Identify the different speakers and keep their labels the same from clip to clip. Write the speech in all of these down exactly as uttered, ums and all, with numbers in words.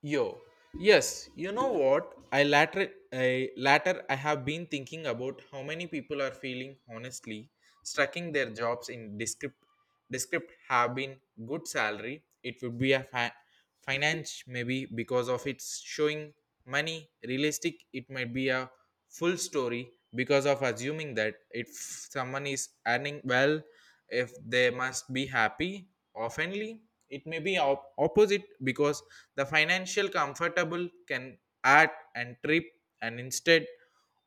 Speaker 1: Yo, yes, you know what? I latter, I latter, I have been thinking about how many people are feeling honestly stuck in their jobs in descript, descript have been good salary. It would be a fi- finance maybe because of its showing money. Realistic, it might be a full story because of assuming that if someone is earning well if they must be happy oftenly it may be op- opposite because the financial comfortable can add and trip and instead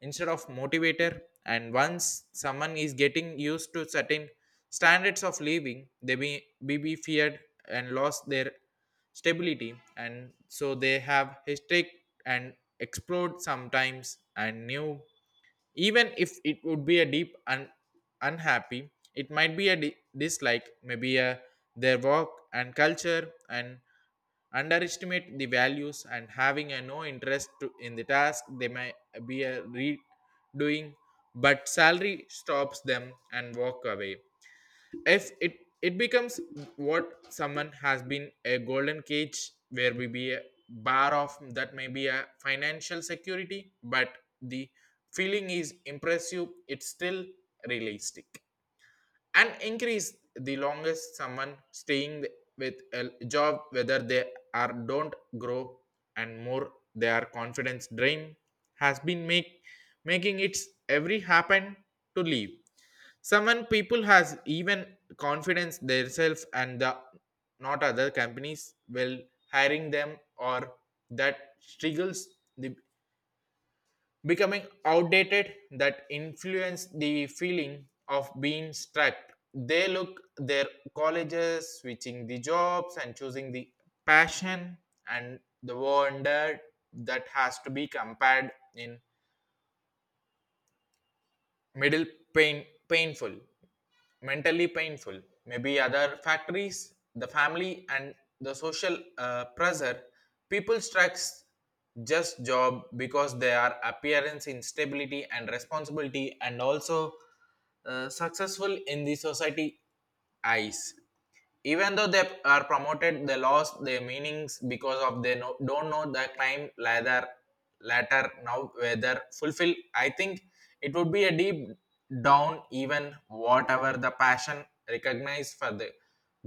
Speaker 1: instead of motivator, and once someone is getting used to certain standards of living they may, may be feared and lost their stability, and so they have historic and explode sometimes and new even if it would be a deep and unhappy. It might be a di- dislike maybe a their work and culture and underestimate the values and having a no interest to, in the task they may be a redoing but salary stops them and walk away if it it becomes what someone has been a golden cage where we be a bar of that may be a financial security, but the feeling is impressive. It's still realistic and increase the longest someone staying with a job whether they are don't grow and more their confidence drain has been make making its every happen to leave. Someone people has even confidence themselves and the not other companies will hiring them or that struggles the becoming outdated that influence the feeling of being strapped. They look their colleges, switching the jobs, and choosing the passion and the wonder that has to be compared in middle pain painful, mentally painful. Maybe other factories, the family, and the social uh, pressure. People strikes just job because they are appearance instability and responsibility and also uh, successful in the society eyes even though they are promoted. They lost their meanings because of they no, don't know the climb ladder latter now whether fulfill. I think it would be a deep down even whatever the passion recognized for the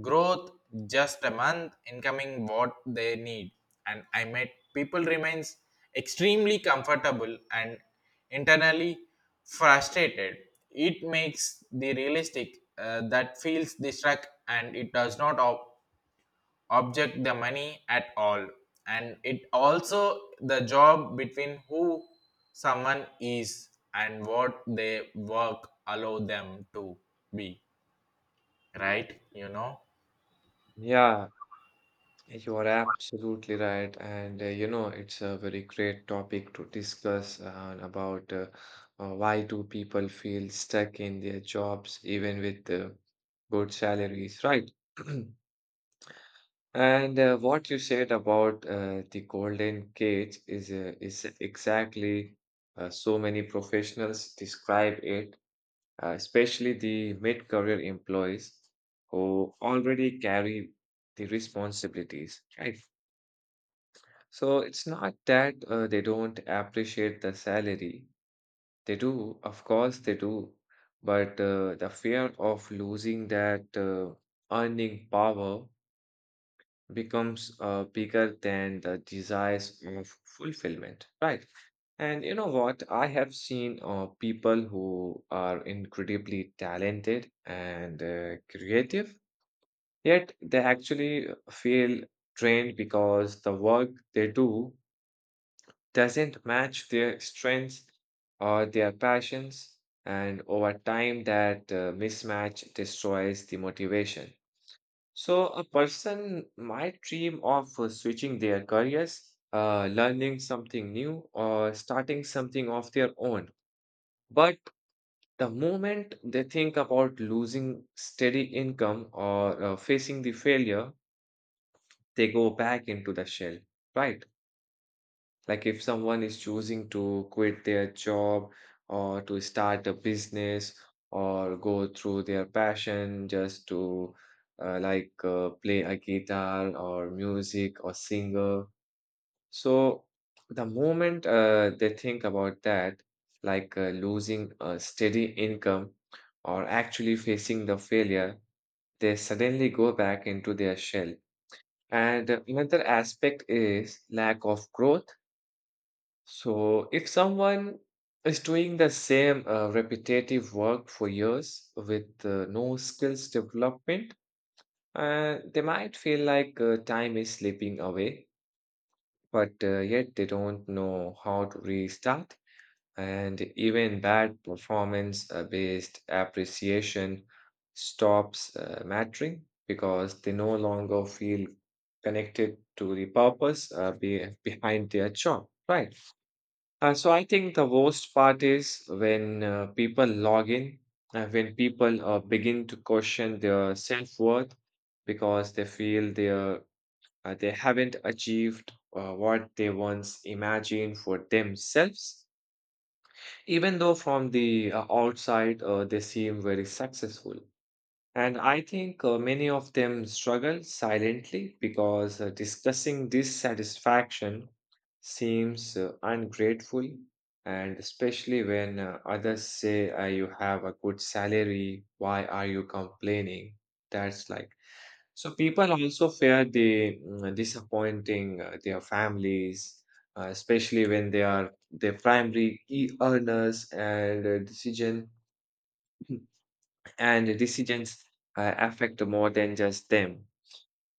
Speaker 1: growth, just a month incoming what they need, and I met people remains extremely comfortable and internally frustrated. It makes the realistic uh, that feels the struck, and it does not ob- object the money at all. And it also the job between who someone is and what they work allow them to be right you know
Speaker 2: Yeah, you are absolutely right. And uh, you know, it's a very great topic to discuss uh, about uh, uh, why do people feel stuck in their jobs even with uh, good salaries, right? And uh, what you said about uh, the golden cage is uh, is exactly uh, so many professionals describe it, uh, especially the mid-career employees who already carry the responsibilities, right? So it's not that uh, they don't appreciate the salary. They do, of course, they do. But uh, the fear of losing that uh, earning power becomes uh, bigger than the desires of fulfillment, right? And you know what? I have seen uh, people who are incredibly talented and uh, creative, yet they actually feel drained because the work they do doesn't match their strengths or their passions, and over time, that uh, mismatch destroys the motivation. So, a person might dream of uh, switching their careers, uh, learning something new, or starting something of their own. But the moment they think about losing steady income or uh, facing the failure, they go back into the shell, right? Like if someone is choosing to quit their job or to start a business or go through their passion just to uh, like uh, play a guitar or music or singer. So the moment uh, they think about that, like uh, losing a steady income or actually facing the failure, they suddenly go back into their shell. And another aspect is lack of growth. So, if someone is doing the same uh, repetitive work for years with uh, no skills development, uh, they might feel like uh, time is slipping away, but uh, yet they don't know how to restart. And even bad performance-based appreciation stops uh, mattering because they no longer feel connected to the purpose uh, be behind their job, right? Uh, so I think the worst part is when uh, people log in, uh, when people uh, begin to question their self-worth because they feel they are, uh, they haven't achieved uh, what they once imagined for themselves, even though from the uh, outside uh, they seem very successful. And I think uh, many of them struggle silently because uh, discussing dissatisfaction seems uh, ungrateful, and especially when uh, others say, uh, "You have a good salary, why are you complaining?" That's like so people also fear the mm, disappointing uh, their families, uh, especially when they are the primary e earners and uh, decision and decisions uh, affect more than just them.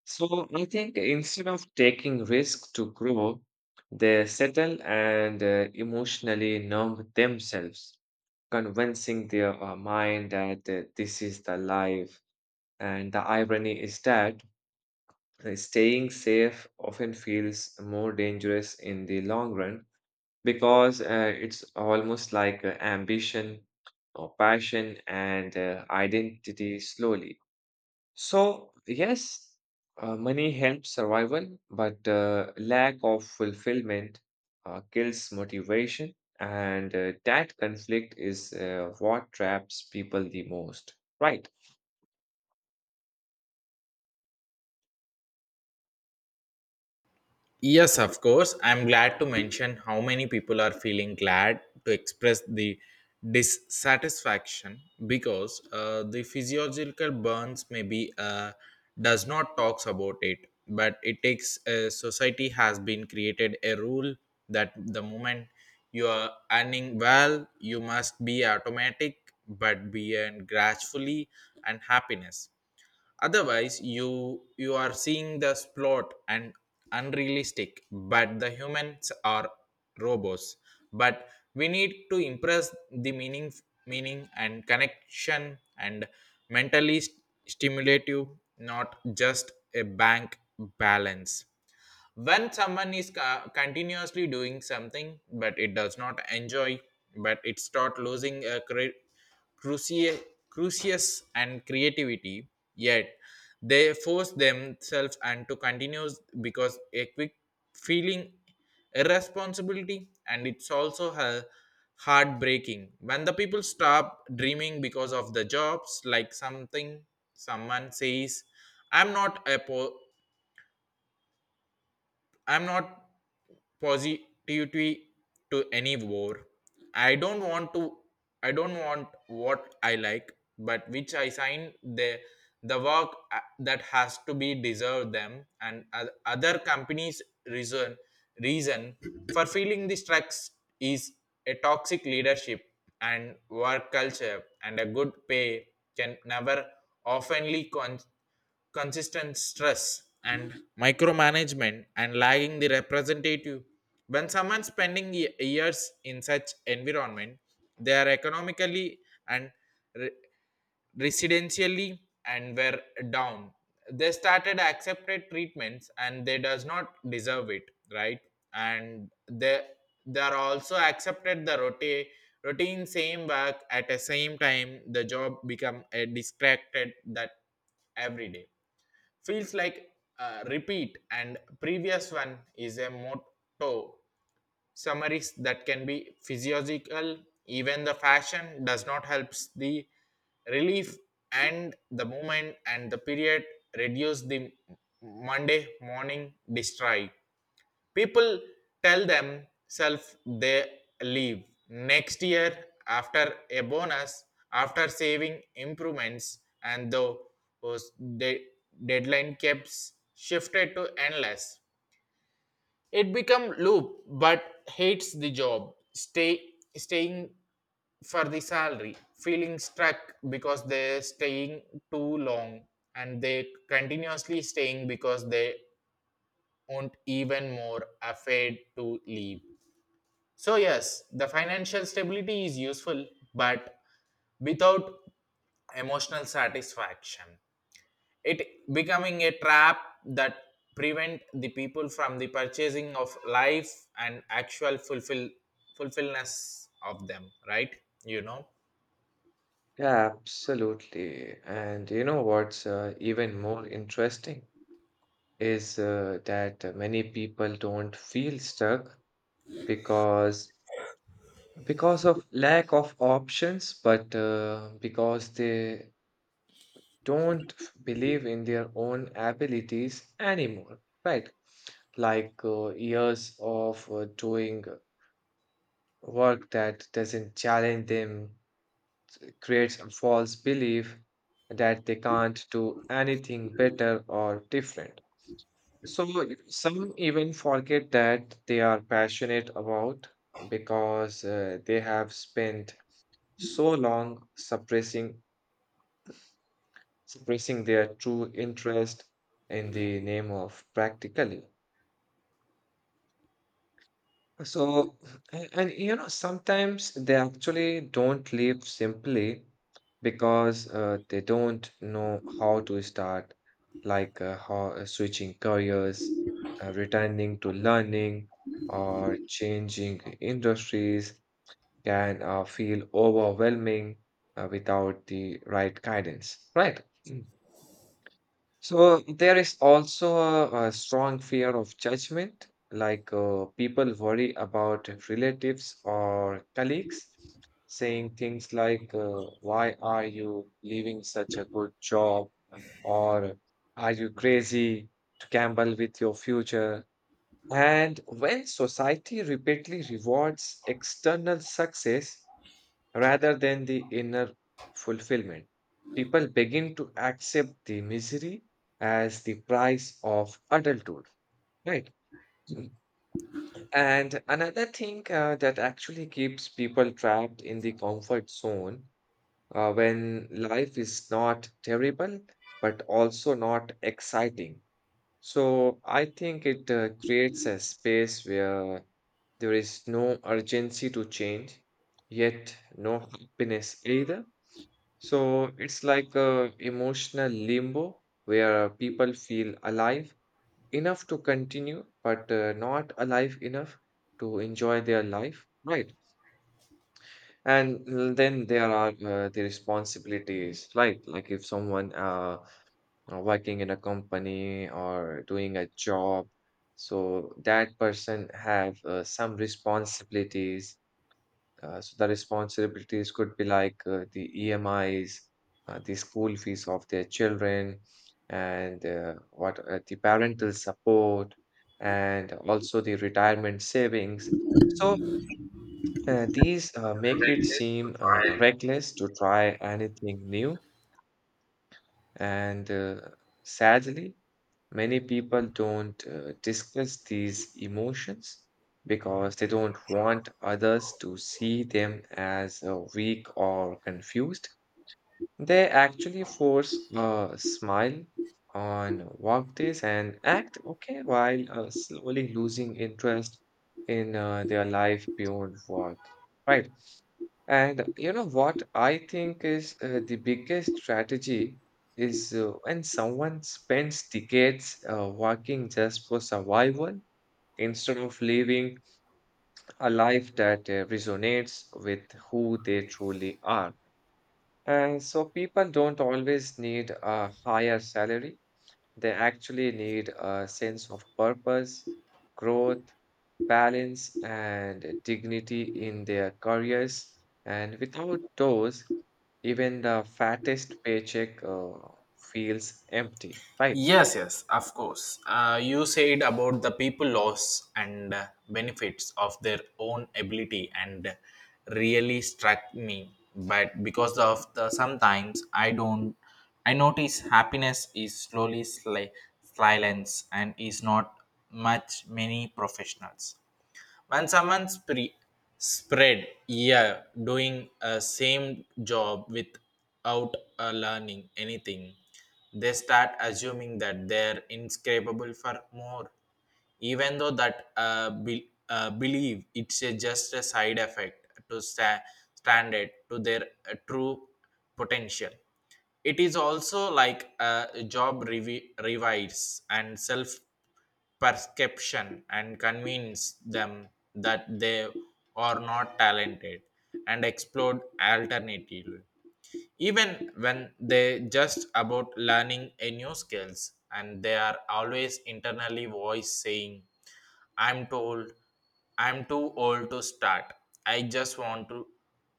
Speaker 2: So I think instead of taking risks to grow, they settle and uh, emotionally numb themselves, convincing their uh, mind that uh, this is the life. And the irony is that uh, staying safe often feels more dangerous in the long run because uh, it's almost like uh, ambition or passion and uh, identity slowly so, yes, uh, money helps survival, but uh, lack of fulfillment uh, kills motivation, and uh, that conflict is uh, what traps people the most, right?
Speaker 1: Yes, of course. I'm glad to mention how many people are feeling glad to express the dissatisfaction because uh, the physiological burns maybe uh, does not talks about it, but it takes uh, society has been created a rule that the moment you are earning well, you must be automatic, but be and gracefully and happiness, otherwise you you are seeing the plot and unrealistic, but the humans are robots, but we need to impress the meaning meaning and connection and mentally st- stimulative, not just a bank balance. When someone is co- continuously doing something but it does not enjoy, but it start losing a cre- cruci- crucius and creativity, yet they force themselves and to continue because a quick feeling irresponsibility. And it's also a heartbreaking when the people stop dreaming because of the jobs, like something someone says, i'm not a po- I'm not positivity to any war. I don't want to. I don't want what I like, but which I sign the the work uh, that has to be deserved them, and o- other companies reason reason for feeling the stress is a toxic leadership and work culture, and a good pay can never oftenly con- consistent stress and micromanagement and lagging the representative. When someone spending ye- years in such environment, they are economically and re- residentially and were down, they started accepted treatments and they does not deserve it, right? And they they are also accepted the rotate routine, same work at the same time, the job become a distracted, that every day feels like uh, repeat, and previous one is a motto summaries that can be physiological. Even the fashion does not helps the relief, and the movement and the period reduce the Monday morning destroy. People tell themselves they leave next year after a bonus, after saving improvements, and the de- deadline keeps shifted to endless. It become loop but hates the job, stay staying for the salary, feeling stuck because they're staying too long, and they continuously staying because they won't even more afraid to leave. So, yes, the financial stability is useful, but without emotional satisfaction, it becoming a trap that prevent the people from the purchasing of life and actual fulfill fulfillness of them, right? You know.
Speaker 2: Yeah, absolutely. And you know what's uh, even more interesting is uh, that uh, many people don't feel stuck because because of lack of options but uh, because they don't f- believe in their own abilities anymore, right? Like uh, years of uh, doing work that doesn't challenge them creates a false belief that they can't do anything better or different. So some even forget that they are passionate about because uh, they have spent so long suppressing suppressing their true interest in the name of practically. So and, and you know, sometimes they actually don't leave simply because uh, they don't know how to start, like uh, how uh, switching careers, uh, returning to learning, or changing industries can uh, feel overwhelming uh, without the right guidance, right? So there is also a, a strong fear of judgment, like uh, people worry about relatives or colleagues saying things like, uh, "Why are you leaving such a good job?" or "Are you crazy to gamble with your future?" And when society repeatedly rewards external success, rather than the inner fulfillment. People begin to accept the misery as the price of adulthood, right? Mm. And another thing uh, that actually keeps people trapped in the comfort zone uh, when life is not terrible but also not exciting. So I think it uh, creates a space where there is no urgency to change, yet no happiness either. So it's like a emotional limbo where uh, people feel alive enough to continue, but uh, not alive enough to enjoy their life, right? And l- then there are uh, the responsibilities, right? Like if someone uh uh, working in a company or doing a job, so that person have uh, some responsibilities, uh, so the responsibilities could be like uh, the E M Is, uh, the school fees of their children, and uh, what uh, the parental support, and also the retirement savings. So uh, these uh, make it seem uh, reckless to try anything new and uh, sadly, many people don't uh, discuss these emotions because they don't want others to see them as uh, weak or confused. They actually force a smile on workdays and act okay while uh, slowly losing interest in uh, their life beyond work. Right. And you know what I think is uh, the biggest strategy is uh, when someone spends decades uh, working just for survival instead of living a life that uh, resonates with who they truly are. And so people don't always need a higher salary, they actually need a sense of purpose, growth, balance, and dignity in their careers. And without those, even the fattest paycheck uh, feels empty, right?
Speaker 1: Yes, yes, of course. Uh, you said about the people loss and uh, benefits of their own ability, and really struck me. But because of the sometimes I don't, I notice happiness is slowly sli- silence and is not much many professionals when someone spre- spread, yeah, doing a same job without uh, learning anything, they start assuming that they're inscrapable for more, even though that uh, be, uh, believe it's a, just a side effect to sta- stand it to their uh, true potential. It is also like a job revi- revise and self perception and convince them that they are not talented and explore alternative, even when they just about learning a new skills, and they are always internally voice saying, I'm told, I'm too old to start. i just want to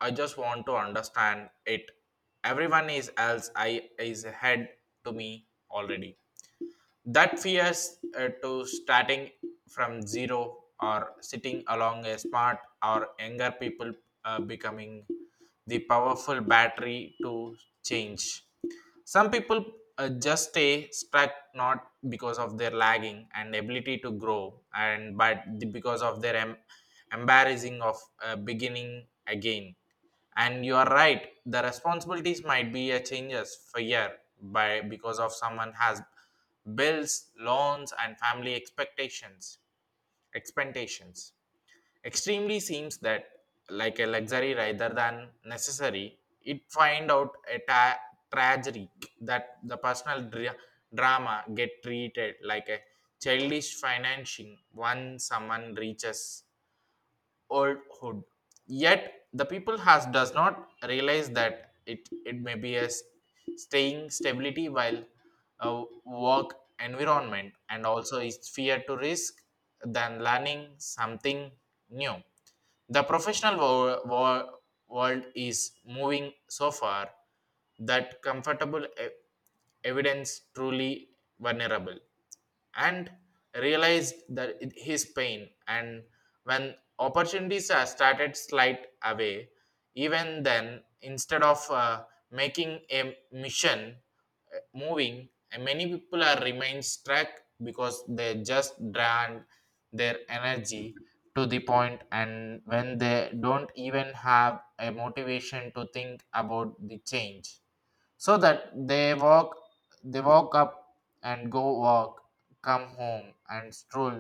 Speaker 1: I just want to understand it. Everyone is else I is ahead to me already. That fears uh, to starting from zero or sitting along a smart or younger people uh, becoming the powerful battery to change. Some people uh, just stay stuck, not because of their lagging and ability to grow, and but the- because of their em- embarrassing of uh, beginning again. And you are right, the responsibilities might be a changes for year by, because of someone has bills, loans, and family expectations, expectations. Extremely seems that like a luxury rather than necessary. It find out a ta- tragedy that the personal dra- drama get treated like a childish financing once someone reaches oldhood. Yet the people has does not realize that it it may be a s- staying stability while uh, work environment and also is fear to risk than learning something new. The professional wo- wo- world is moving so far that comfortable e- evidence truly vulnerable, and realized that it- his pain, and when opportunities are started slight away, even then instead of uh, making a mission moving, and many people are remain stuck because they just drain their energy to the point, and when they don't even have a motivation to think about the change. So that they walk they walk up and go walk, come home and stroll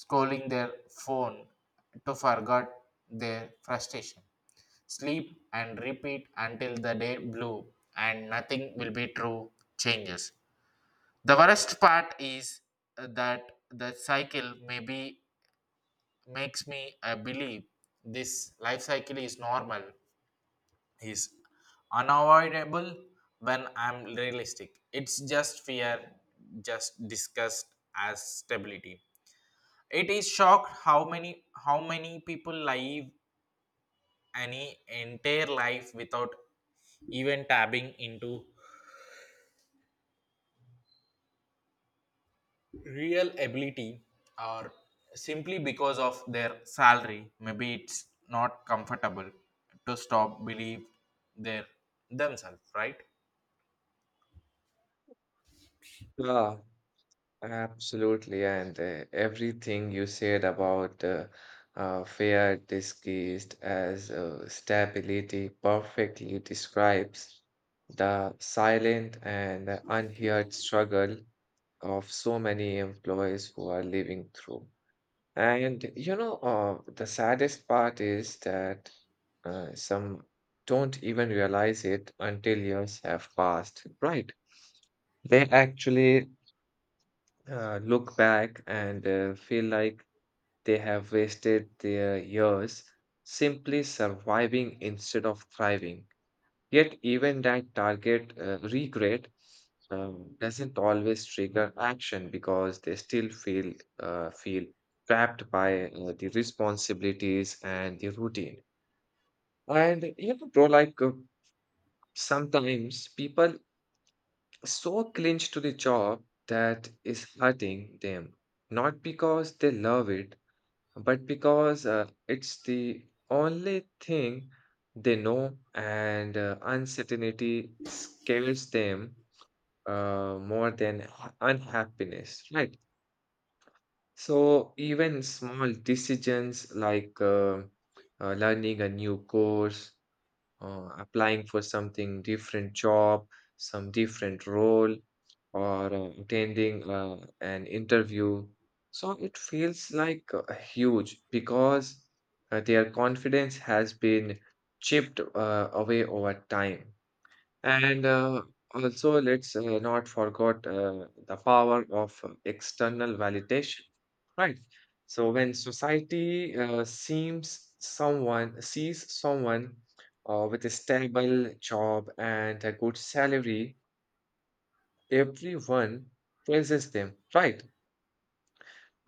Speaker 1: scrolling their phone to forget their frustration. Sleep and repeat until the day blue and nothing will be true changes. The worst part is that the cycle maybe makes me uh, believe this life cycle is normal, is unavoidable, when I'm realistic. It's just fear, just disgust as stability. It is shocked how many how many people live any entire life without even tapping into real ability, or simply because of their salary maybe it's not comfortable to stop believe their themselves, right?
Speaker 2: Yeah, absolutely. And uh, everything you said about uh, uh, fear disguised as uh, stability perfectly describes the silent and unheard struggle of so many employees who are living through. And you know, uh, the saddest part is that uh, some don't even realize it until years have passed, right? They actually uh, look back and uh, feel like they have wasted their years simply surviving instead of thriving. Yet, even that target uh, regret um, doesn't always trigger action because they still feel uh, feel trapped by uh, the responsibilities and the routine. And you know, bro, like uh, sometimes people so clinch to the job that is hurting them, not because they love it, but because uh, it's the only thing they know, and uh, uncertainty scares them uh, more than ha- unhappiness, right? So even small decisions like uh, uh, learning a new course, uh, applying for something different job, some different role, or uh, attending uh, an interview. So it feels like uh, huge because uh, their confidence has been chipped uh, away over time. And uh, also, let's uh, not forget uh, the power of uh, external validation, right? So when society uh, seems someone sees someone uh, with a stable job and a good salary, everyone praises them, right?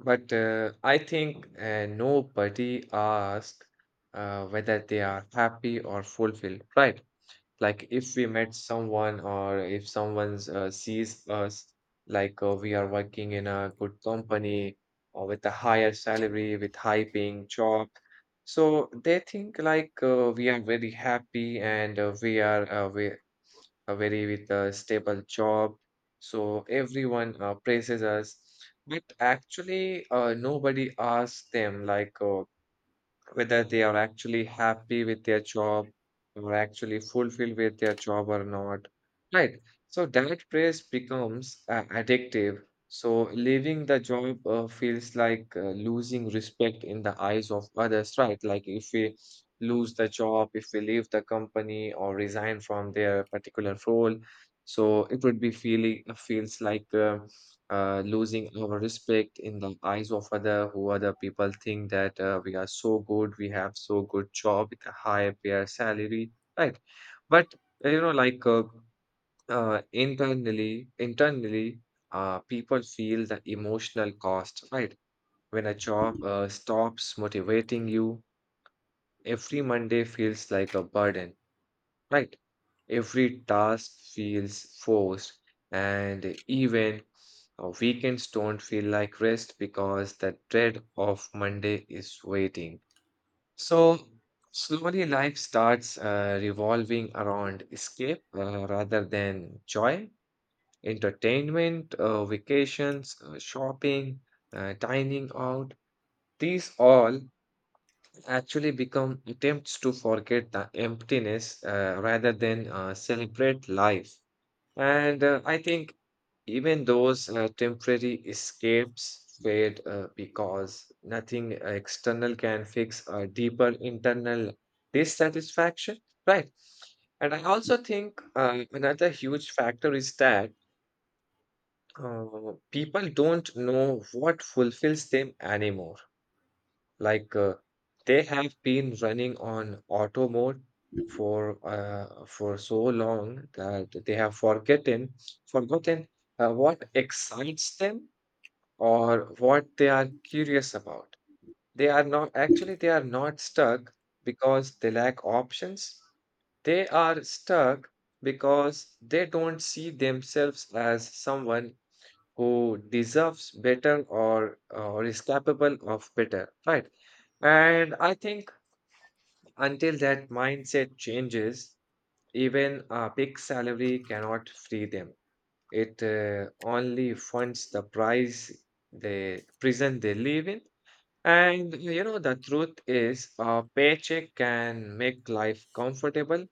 Speaker 2: But uh, I think uh, nobody asks uh, whether they are happy or fulfilled, right? Like if we met someone or if someone's uh, sees us like uh, we are working in a good company or with a higher salary, with high paying job, so they think like uh, we are very happy and uh, we are uh, we a very with a stable job. So everyone uh, praises us, but actually uh, nobody asks them like uh, whether they are actually happy with their job or actually fulfilled with their job or not, right? So that praise becomes uh, addictive, so leaving the job uh, feels like uh, losing respect in the eyes of others, right? Like if we lose the job, if we leave the company or resign from their particular role, so it would be feeling feels like uh, uh, losing our respect in the eyes of other who other people think that uh, we are so good, we have so good job with a high pay salary, right? But uh, you know like uh, uh, internally internally uh, people feel the emotional cost, right? When a job uh, stops motivating you, every Monday feels like a burden, right? Every task feels forced, and even uh, weekends don't feel like rest because the dread of Monday is waiting. So, slowly life starts uh, revolving around escape uh, rather than joy, entertainment, uh, vacations, uh, shopping, uh, dining out. These all actually become attempts to forget the emptiness uh, rather than uh, celebrate life. And uh, I think even those uh, temporary escapes fade uh, because nothing external can fix a deeper internal dissatisfaction, right? And I also think uh, another huge factor is that uh, people don't know what fulfills them anymore, like uh, they have been running on auto mode for uh, for so long that they have forgotten forgotten uh, what excites them or what they are curious about. They are not actually they are not stuck because they lack options. They are stuck because they don't see themselves as someone who deserves better or uh, or is capable of better, right? And I think until that mindset changes, even a big salary cannot free them. It uh, only funds the price, the prison they live in. And you know, the truth is a paycheck can make life comfortable,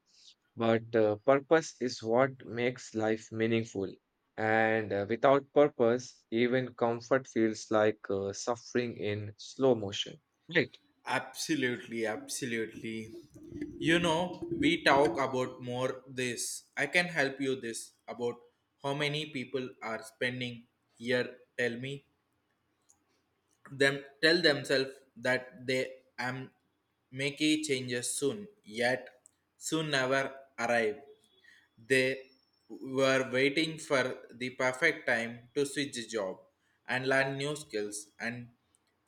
Speaker 2: but uh, purpose is what makes life meaningful. And uh, without purpose, even comfort feels like uh, suffering in slow motion. Right.
Speaker 1: Absolutely, absolutely. You know, we talk about more this. I can help you this about how many people are spending here. Tell me, them tell themselves that they am making changes soon, yet soon never arrive. They were waiting for the perfect time to switch job and learn new skills and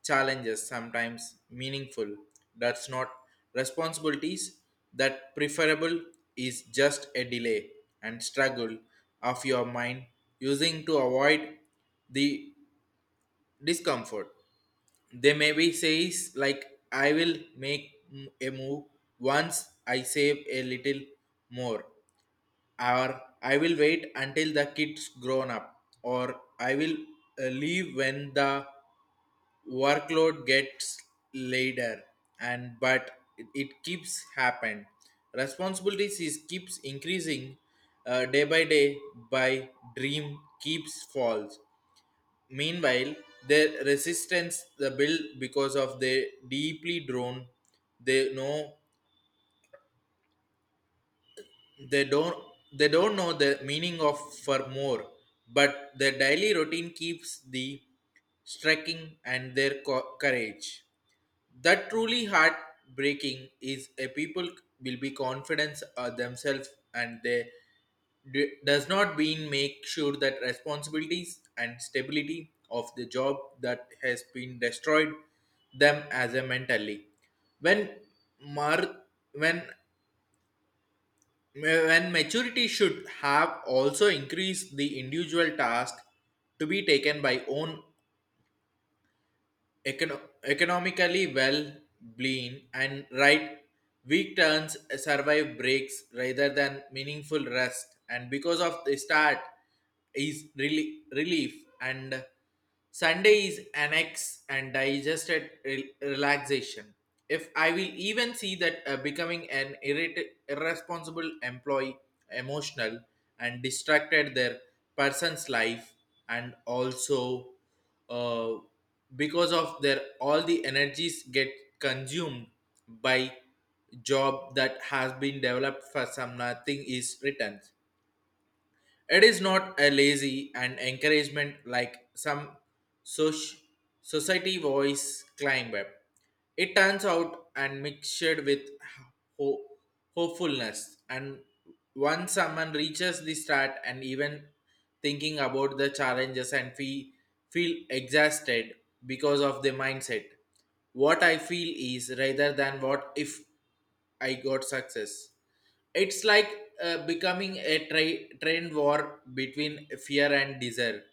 Speaker 1: challenges sometimes meaningful, that's not responsibilities that preferable is just a delay and struggle of your mind using to avoid the discomfort. They maybe says like, I will make m- a move once I save a little more, or I will wait until the kids grown up, or I will uh, leave when the workload gets later. And but it, it keeps happen, responsibilities is keeps increasing uh, day by day by dream keeps falls. Meanwhile, their resistance the build because of they deeply drawn. They know they don't they don't know the meaning of for more, but their daily routine keeps the striking and their co- courage. That truly heartbreaking is a people will be confidence of themselves and they d- does not mean make sure that responsibilities and stability of the job that has been destroyed them as a mentally, when mar- when when maturity should have also increased the individual task to be taken by own, econo- economically well bleen and right, weak turns uh, survive breaks rather than meaningful rest, and because of the start is rel- relief and Sunday is annex and digested re- relaxation. If I will even see that uh, becoming an irrit- irresponsible employee, emotional, and distracted their person's life, and also uh, because of their all the energies get consumed by job that has been developed for some, nothing is written, it is not a lazy and encouragement like some soc- society voice climb up. It turns out and mixed with ho- hopefulness. And once someone reaches the start, and even thinking about the challenges and fe- feel exhausted because of the mindset, what I feel is rather than what if I got success. It's like uh, becoming a tra- train war between fear and desire,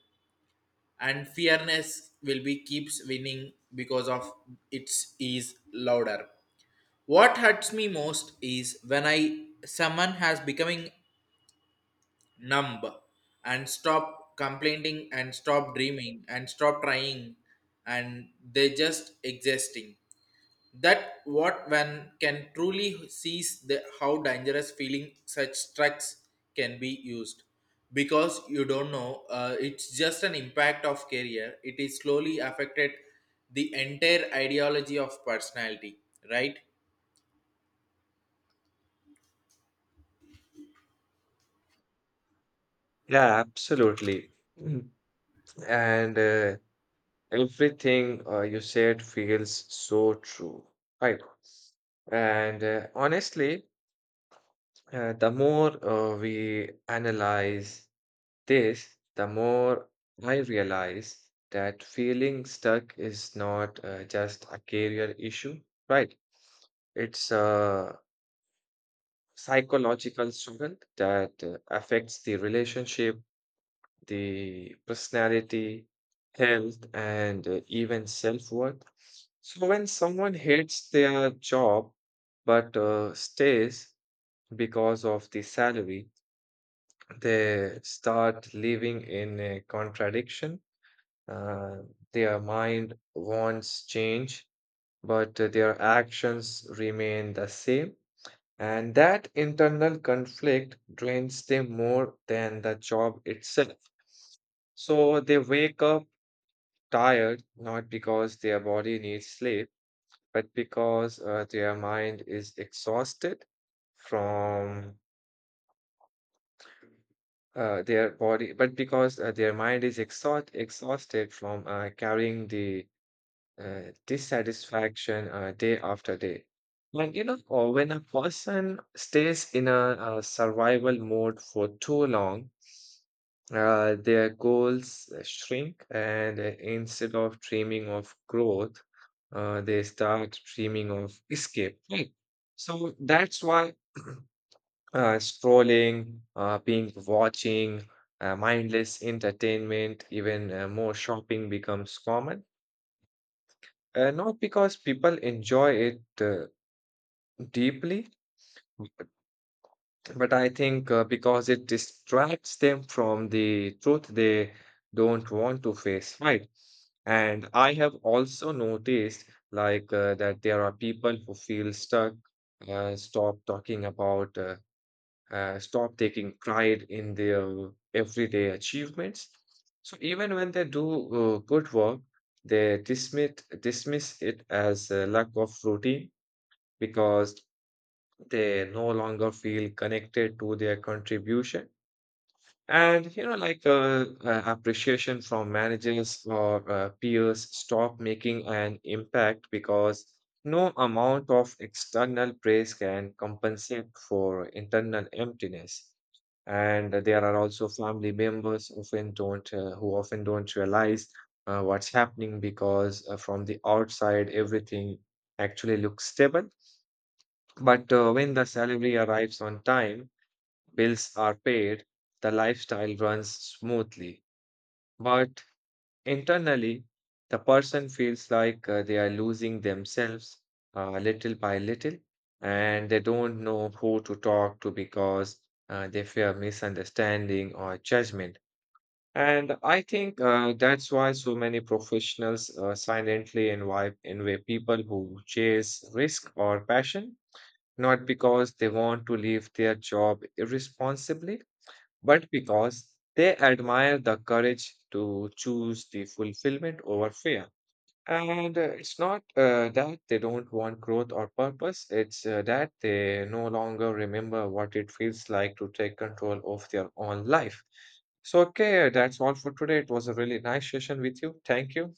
Speaker 1: and fearness will be keeps winning because of its is louder. What hurts me most is when I someone has becoming numb and stop complaining and stop dreaming and stop trying and they just existing, that what one can truly sees the how dangerous feeling such trucks can be used because you don't know uh, it's just an impact of career, it is slowly affected the entire ideology of personality, right?
Speaker 2: Yeah, absolutely. Mm. And uh, everything uh, you said feels so true. Right. And uh, honestly, uh, the more uh, we analyze this, the more I realize that feeling stuck is not uh, just a career issue, right? It's a psychological struggle that uh, affects the relationship, the personality, health, and uh, even self-worth. So when someone hates their job but uh, stays because of the salary, they start living in a contradiction. Uh, their mind wants change, but uh, their actions remain the same. And that internal conflict drains them more than the job itself. So they wake up tired, not because their body needs sleep, but because uh, their mind is exhausted from uh, their body, but because uh, their mind is exhaust exhausted from uh, carrying the uh, dissatisfaction uh, day after day. Like, you know, or when a person stays in a, uh survival mode for too long, uh, their goals uh, shrink, and uh, instead of dreaming of growth, uh, they start dreaming of escape. Right. So that's why uh, scrolling, uh, being watching, uh, mindless entertainment, even uh, more shopping becomes common. Uh, not because people enjoy it uh, deeply, but, but I think uh, because it distracts them from the truth they don't want to face, right? And I have also noticed like uh, that there are people who feel stuck, uh, stop talking about, uh, uh, stop taking pride in their everyday achievements. So even when they do uh, good work, they dismiss dismiss it as a lack of routine because they no longer feel connected to their contribution. And, you know, like uh, uh, appreciation from managers or uh, peers stop making an impact because no amount of external praise can compensate for internal emptiness. And there are also family members often don't, uh, who often don't realize uh, what's happening because uh, from the outside, everything actually looks stable, but uh, when the salary arrives on time, bills are paid, the lifestyle runs smoothly. But internally, the person feels like uh, they are losing themselves uh, little by little, and they don't know who to talk to because uh, they fear misunderstanding or judgment. And I think uh, that's why so many professionals uh, silently invite, invite people who chase risk or passion, not because they want to leave their job irresponsibly, but because they admire the courage to choose the fulfillment over fear. And uh, it's not uh, that they don't want growth or purpose, it's uh, that they no longer remember what it feels like to take control of their own life. So, okay, that's all for today. It was a really nice session with you. Thank you.